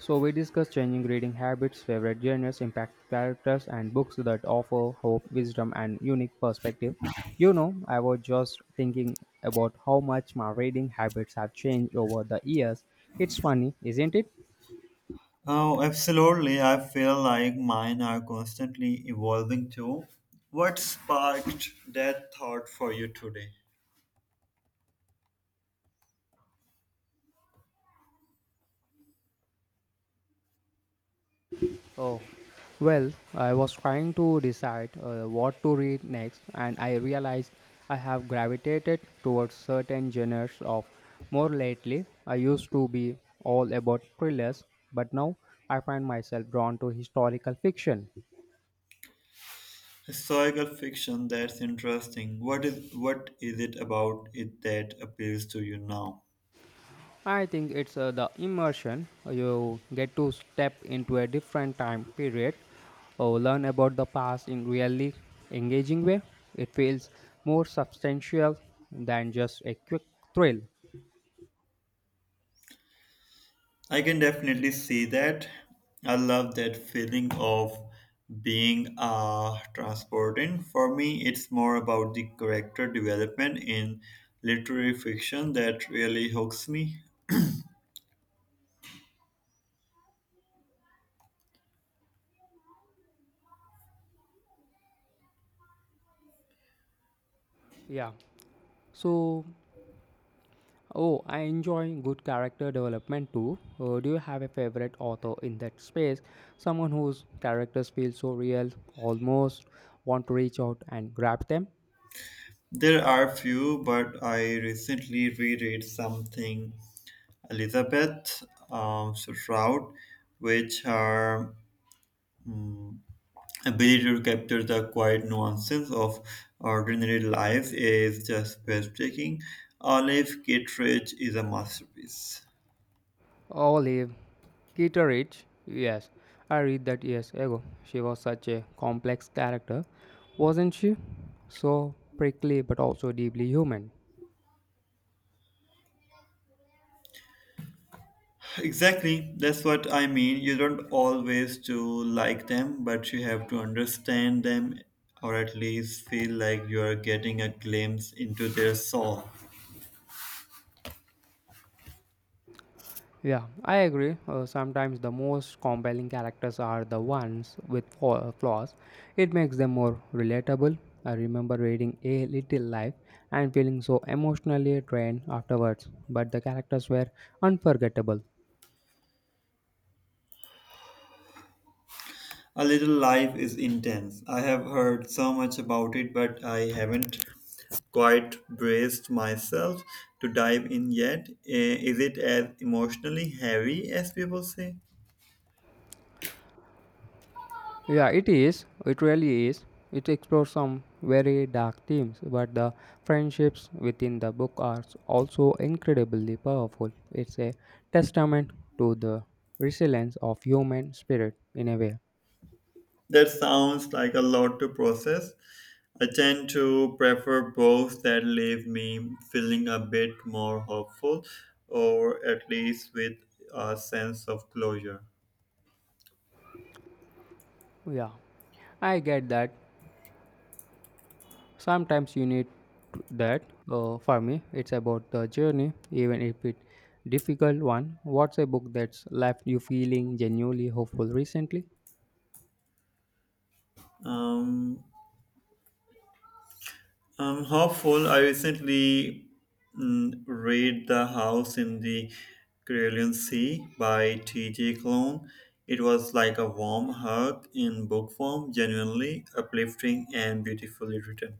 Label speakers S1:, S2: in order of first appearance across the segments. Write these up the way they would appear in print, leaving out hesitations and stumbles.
S1: So, we discussed changing reading habits, favorite genres, impact characters, and books that offer hope, wisdom, and unique perspective. You know, I was just thinking about how much my reading habits have changed over the years. It's funny, isn't it?
S2: Oh, absolutely. I feel like mine are constantly evolving too. What sparked that thought for you today?
S1: Oh, well, I was trying to decide what to read next, and I realized I have gravitated towards certain genres of more lately. I used to be all about thrillers, but now I find myself drawn to historical fiction.
S2: Historical fiction, that's interesting. What is it about it that appeals to you now?
S1: I think it's the immersion. You get to step into a different time period or learn about the past in really engaging way. It feels more substantial than just a quick thrill.
S2: I can definitely see that. I love that feeling of being transported. For me, it's more about the character development in literary fiction that really hooks me.
S1: Yeah. So, oh, I enjoy good character development too. Do you have a favorite author in that space? Someone whose characters feel so real, almost want to reach out and grab them?
S2: There are few, but I recently reread something Elizabeth Stroud, which her mm, ability to capture the quiet nuances of ordinary life is just breathtaking. Olive Kittredge is a masterpiece.
S1: Olive Kitteridge, yes, I read that years ago. She was such a complex character, wasn't she? So prickly but also deeply human.
S2: Exactly, that's what I mean. You don't always to like them, but you have to understand them or at least feel like you are getting a glimpse into their soul.
S1: Yeah, I agree. Sometimes the most compelling characters are the ones with flaws. It makes them more relatable. I remember reading A Little Life and feeling so emotionally drained afterwards, but the characters were unforgettable.
S2: A Little Life is intense. I have heard so much about it, but I haven't quite braced myself to dive in yet. Is it as emotionally heavy as people say?
S1: Yeah, it is. It really is. It explores some very dark themes, but the friendships within the book are also incredibly powerful. It's a testament to the resilience of human spirit in a way.
S2: That sounds like a lot to process. I tend to prefer books that leave me feeling a bit more hopeful or at least with a sense of closure.
S1: Yeah, I get that. Sometimes you need to- That. For me, it's about the journey, even if it's difficult one. What's a book that's left you feeling genuinely hopeful recently?
S2: Um, I'm hopeful. I recently read The House in the Caroline Sea by T.J. Klone. It was like a warm hug in book form, genuinely uplifting and beautifully written.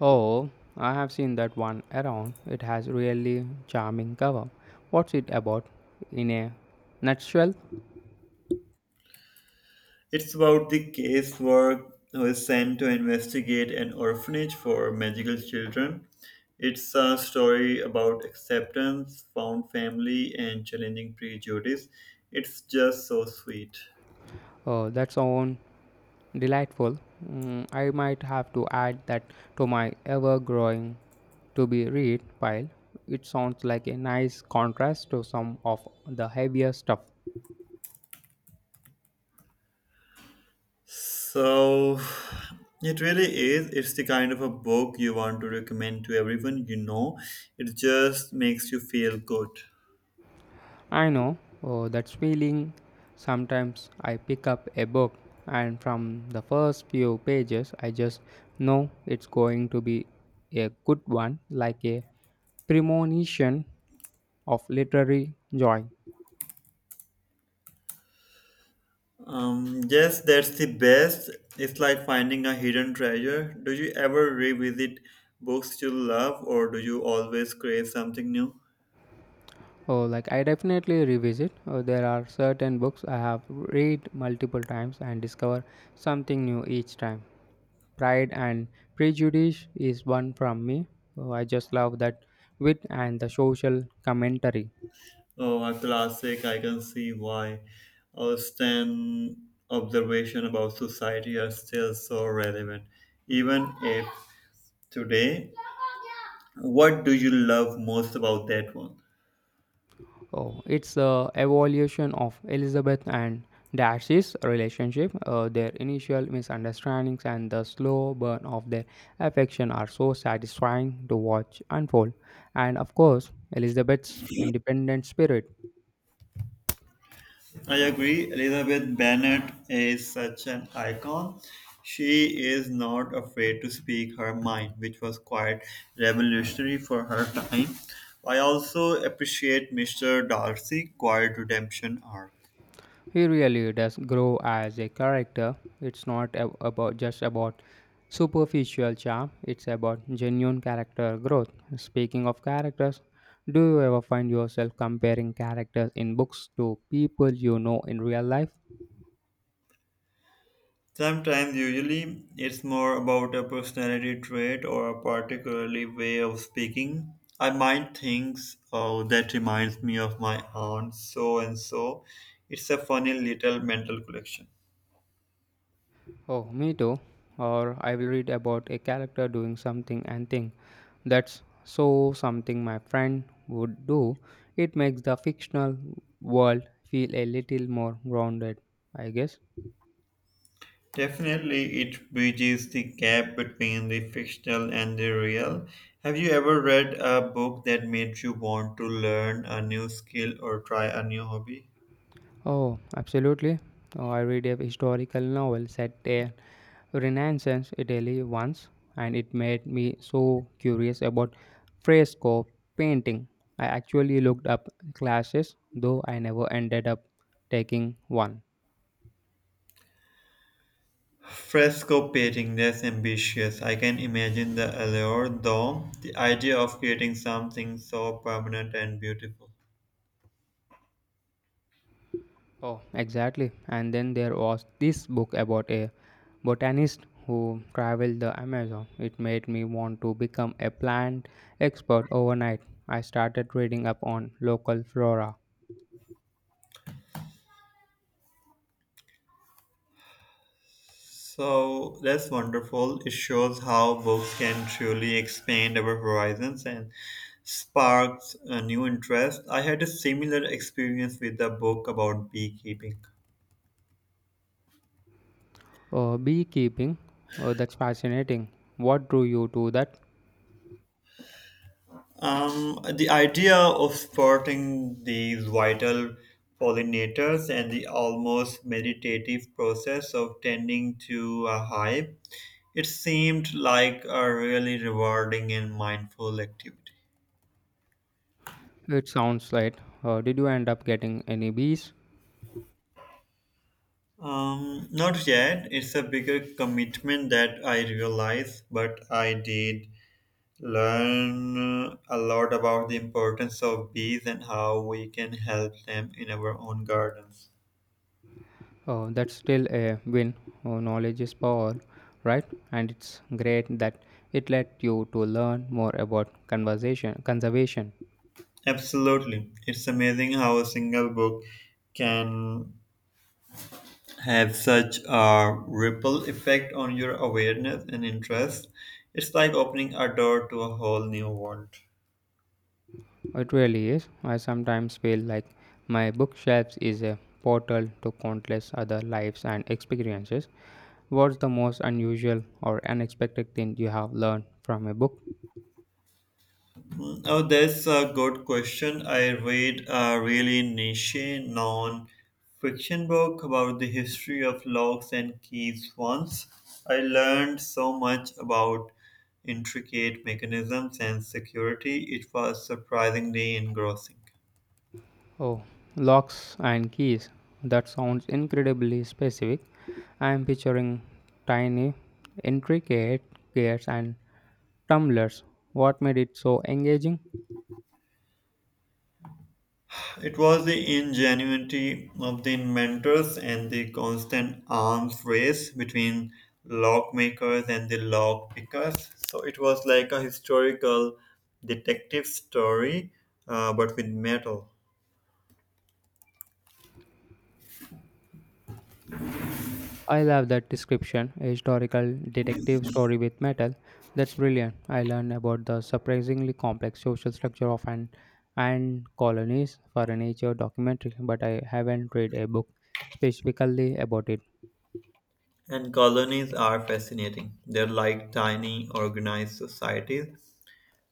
S1: Oh, I have seen that one around. It has really charming cover. What's it about? In a nutshell,
S2: It's about the casework who is sent to investigate an orphanage for magical children. It's a story about acceptance, found family, and challenging prejudice. It's just so sweet.
S1: oh, that sounds delightful. Mm, I might have to add that to my ever-growing to-be-read pile. It sounds like a nice contrast to some of the heavier stuff.
S2: So it really is. It's the kind of a book you want to recommend to everyone you know. It just makes you feel good.
S1: I know oh, that feeling. Sometimes I pick up a book, and from the first few pages, I just know it's going to be a good one, like a premonition of literary joy.
S2: Yes, that's the best. It's like finding a hidden treasure. Do you ever revisit books you love, or do you always create something new?
S1: Oh, like I definitely revisit. Oh, there are certain books I have read multiple times and discover something new each time. Pride and Prejudice is one from me. Oh, I just love that wit and the social commentary.
S2: Oh, a classic. I can see why. Austen' observation about society are still so relevant, even if today. What do you love most about that one?
S1: Oh, it's the evolution of Elizabeth and Darcy's relationship. Their initial misunderstandings and the slow burn of their affection are so satisfying to watch unfold. And of course, Elizabeth's independent spirit.
S2: I agree. Elizabeth Bennet is such an icon. She is not afraid to speak her mind, which was quite revolutionary for her time. I also appreciate Mr. Darcy' quiet redemption arc.
S1: He really does grow as a character. It's not ab- about just about superficial charm, it's about genuine character growth. Speaking of characters, do you ever find yourself comparing characters in books to people you know in real life?
S2: Sometimes, usually, it's more about a personality trait or a particularly way of speaking. I might think, oh, that reminds me of my aunt so and so. It's a funny little mental collection.
S1: Oh, me too. Or I will read about a character doing something and think that's so something my friend would do. It makes the fictional world feel a little more grounded, I guess.
S2: Definitely, it bridges the gap between the fictional and the real. Have you ever read a book that made you want to learn a new skill or try a new hobby?
S1: Oh, absolutely. Oh, I read a historical novel set in Renaissance Italy once, and it made me so curious about fresco painting. I actually looked up classes, though I never ended up taking one.
S2: Fresco painting, that's ambitious. I can imagine the allure, though, the idea of creating something so permanent and beautiful.
S1: Oh, exactly. And then there was this book about a botanist who traveled the Amazon. It made me want to become a plant expert overnight. I started reading up on local flora.
S2: So that's wonderful. It shows how books can truly expand our horizons and sparks a new interest. I had a similar experience with a book about beekeeping.
S1: Beekeeping, that's fascinating. What drew you to that?
S2: The idea of spotting these vital pollinators and the almost meditative process of tending to a hive, it seemed like a really rewarding and mindful activity.
S1: It sounds like. Did you end up getting any bees?
S2: Not yet. It's a bigger commitment that I realize, but I did learn a lot about the importance of bees and how we can help them in our own gardens.
S1: That's still a win. Knowledge is power, right? And it's great that it let you to learn more about conversation conservation.
S2: Absolutely. It's amazing how a single book can have such a ripple effect on your awareness and interest. It's like opening a door to a whole new world.
S1: It really is. I sometimes feel like my bookshelves is a portal to countless other lives and experiences. What's the most unusual or unexpected thing you have learned from a book?
S2: Oh, that's a good question. I read a really niche non fiction book about the history of locks and keys once. I learned so much about intricate mechanisms and security. It was surprisingly engrossing.
S1: Oh, locks and keys. That sounds incredibly specific. I am picturing tiny, intricate gears and tumblers. What made it so engaging?
S2: It was the ingenuity of the inventors and the constant arms race between lock makers and the lock pickers. So it was like a historical detective story, but with metal.
S1: I love that description. A historical detective story with metal. That's brilliant. I learned about the surprisingly complex social structure of an and colonies for a nature documentary, but I haven't read a book specifically about it.
S2: And colonies are fascinating. They're like tiny organized societies.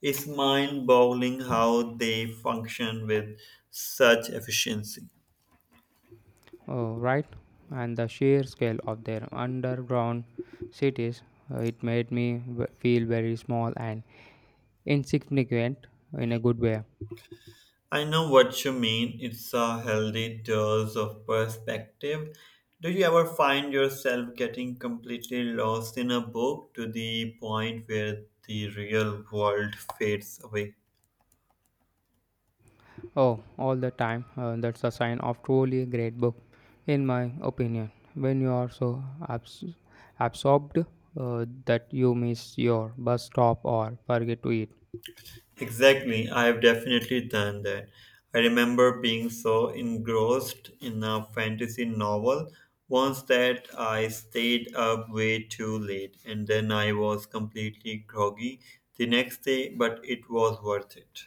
S2: It's mind boggling how they function with such efficiency.
S1: Oh, right. And the sheer scale of their underground cities, it feel very small and insignificant in a good way.
S2: I know what you mean. It's a healthy dose of perspective. Do you ever find yourself getting completely lost in a book to the point where the real world fades away?
S1: Oh, all the time. That's a sign of truly great book, in my opinion. When you are so abs- absorbed that you miss your bus stop or forget to eat.
S2: Exactly, I have definitely done that. I remember being so engrossed in a fantasy novel once that I stayed up way too late and then I was completely groggy the next day, but it was worth it.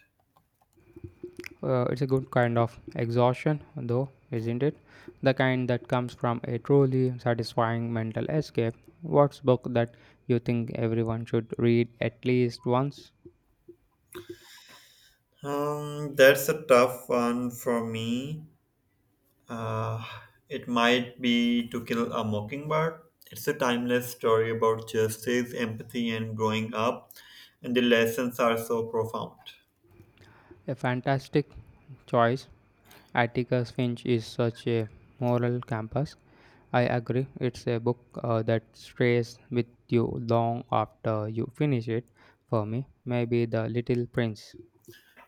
S1: It's a good kind of exhaustion, though, isn't it? The kind that comes from a truly satisfying mental escape. What's book that you think everyone should read at least once?
S2: That's a tough one for me. Uh, it might be To Kill a Mockingbird. It's a timeless story about justice, empathy, and growing up, and the lessons are so profound.
S1: A fantastic choice. Atticus Finch is such a moral campus. I agree. It's a book that stays with you long after you finish it. For me, maybe The Little Prince.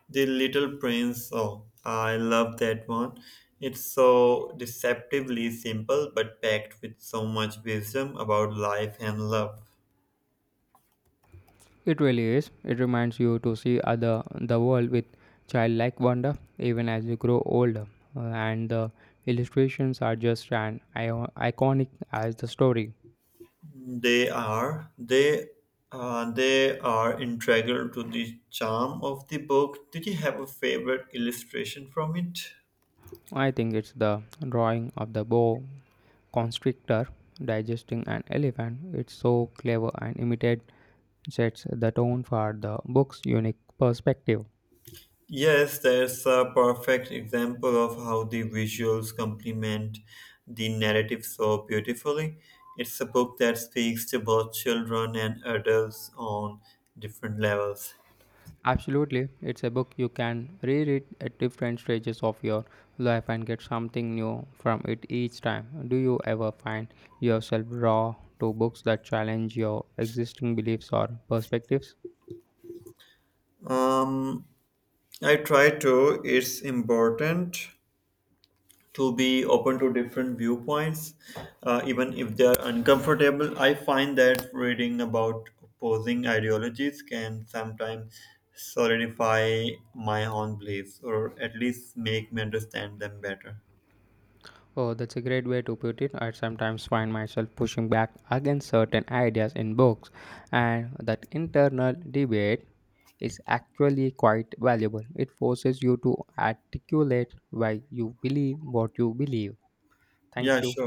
S2: The Little Prince, oh, I love that one. It's so deceptively simple but packed with so much wisdom about life and love.
S1: It really is. It reminds you to see other the world with childlike wonder, even as you grow older. And the illustrations are just as iconic as the story.
S2: They are. They are integral to the charm of the book. Did you have a favorite illustration from it?
S1: I think it's the drawing of the boa constrictor digesting an elephant. It's so clever and imitated sets the tone for the book's unique perspective.
S2: Yes, there's a perfect example of how the visuals complement the narrative so beautifully. It's a book that speaks to both children and adults on different levels.
S1: Absolutely, it's a book you can reread at different stages of your life and get something new from it each time. Do you ever find yourself drawn to books that challenge your existing beliefs or perspectives?
S2: Um, I try to. It's important to be open to different viewpoints, even if they are uncomfortable. I find that reading about opposing ideologies can sometimes solidify my own beliefs or at least make me understand them better.
S1: Oh, that's a great way to put it. I sometimes find myself pushing back against certain ideas in books, and that internal debate is actually quite valuable. It forces you to articulate why you believe what you believe. Thank
S2: Yeah,
S1: you.
S2: sure.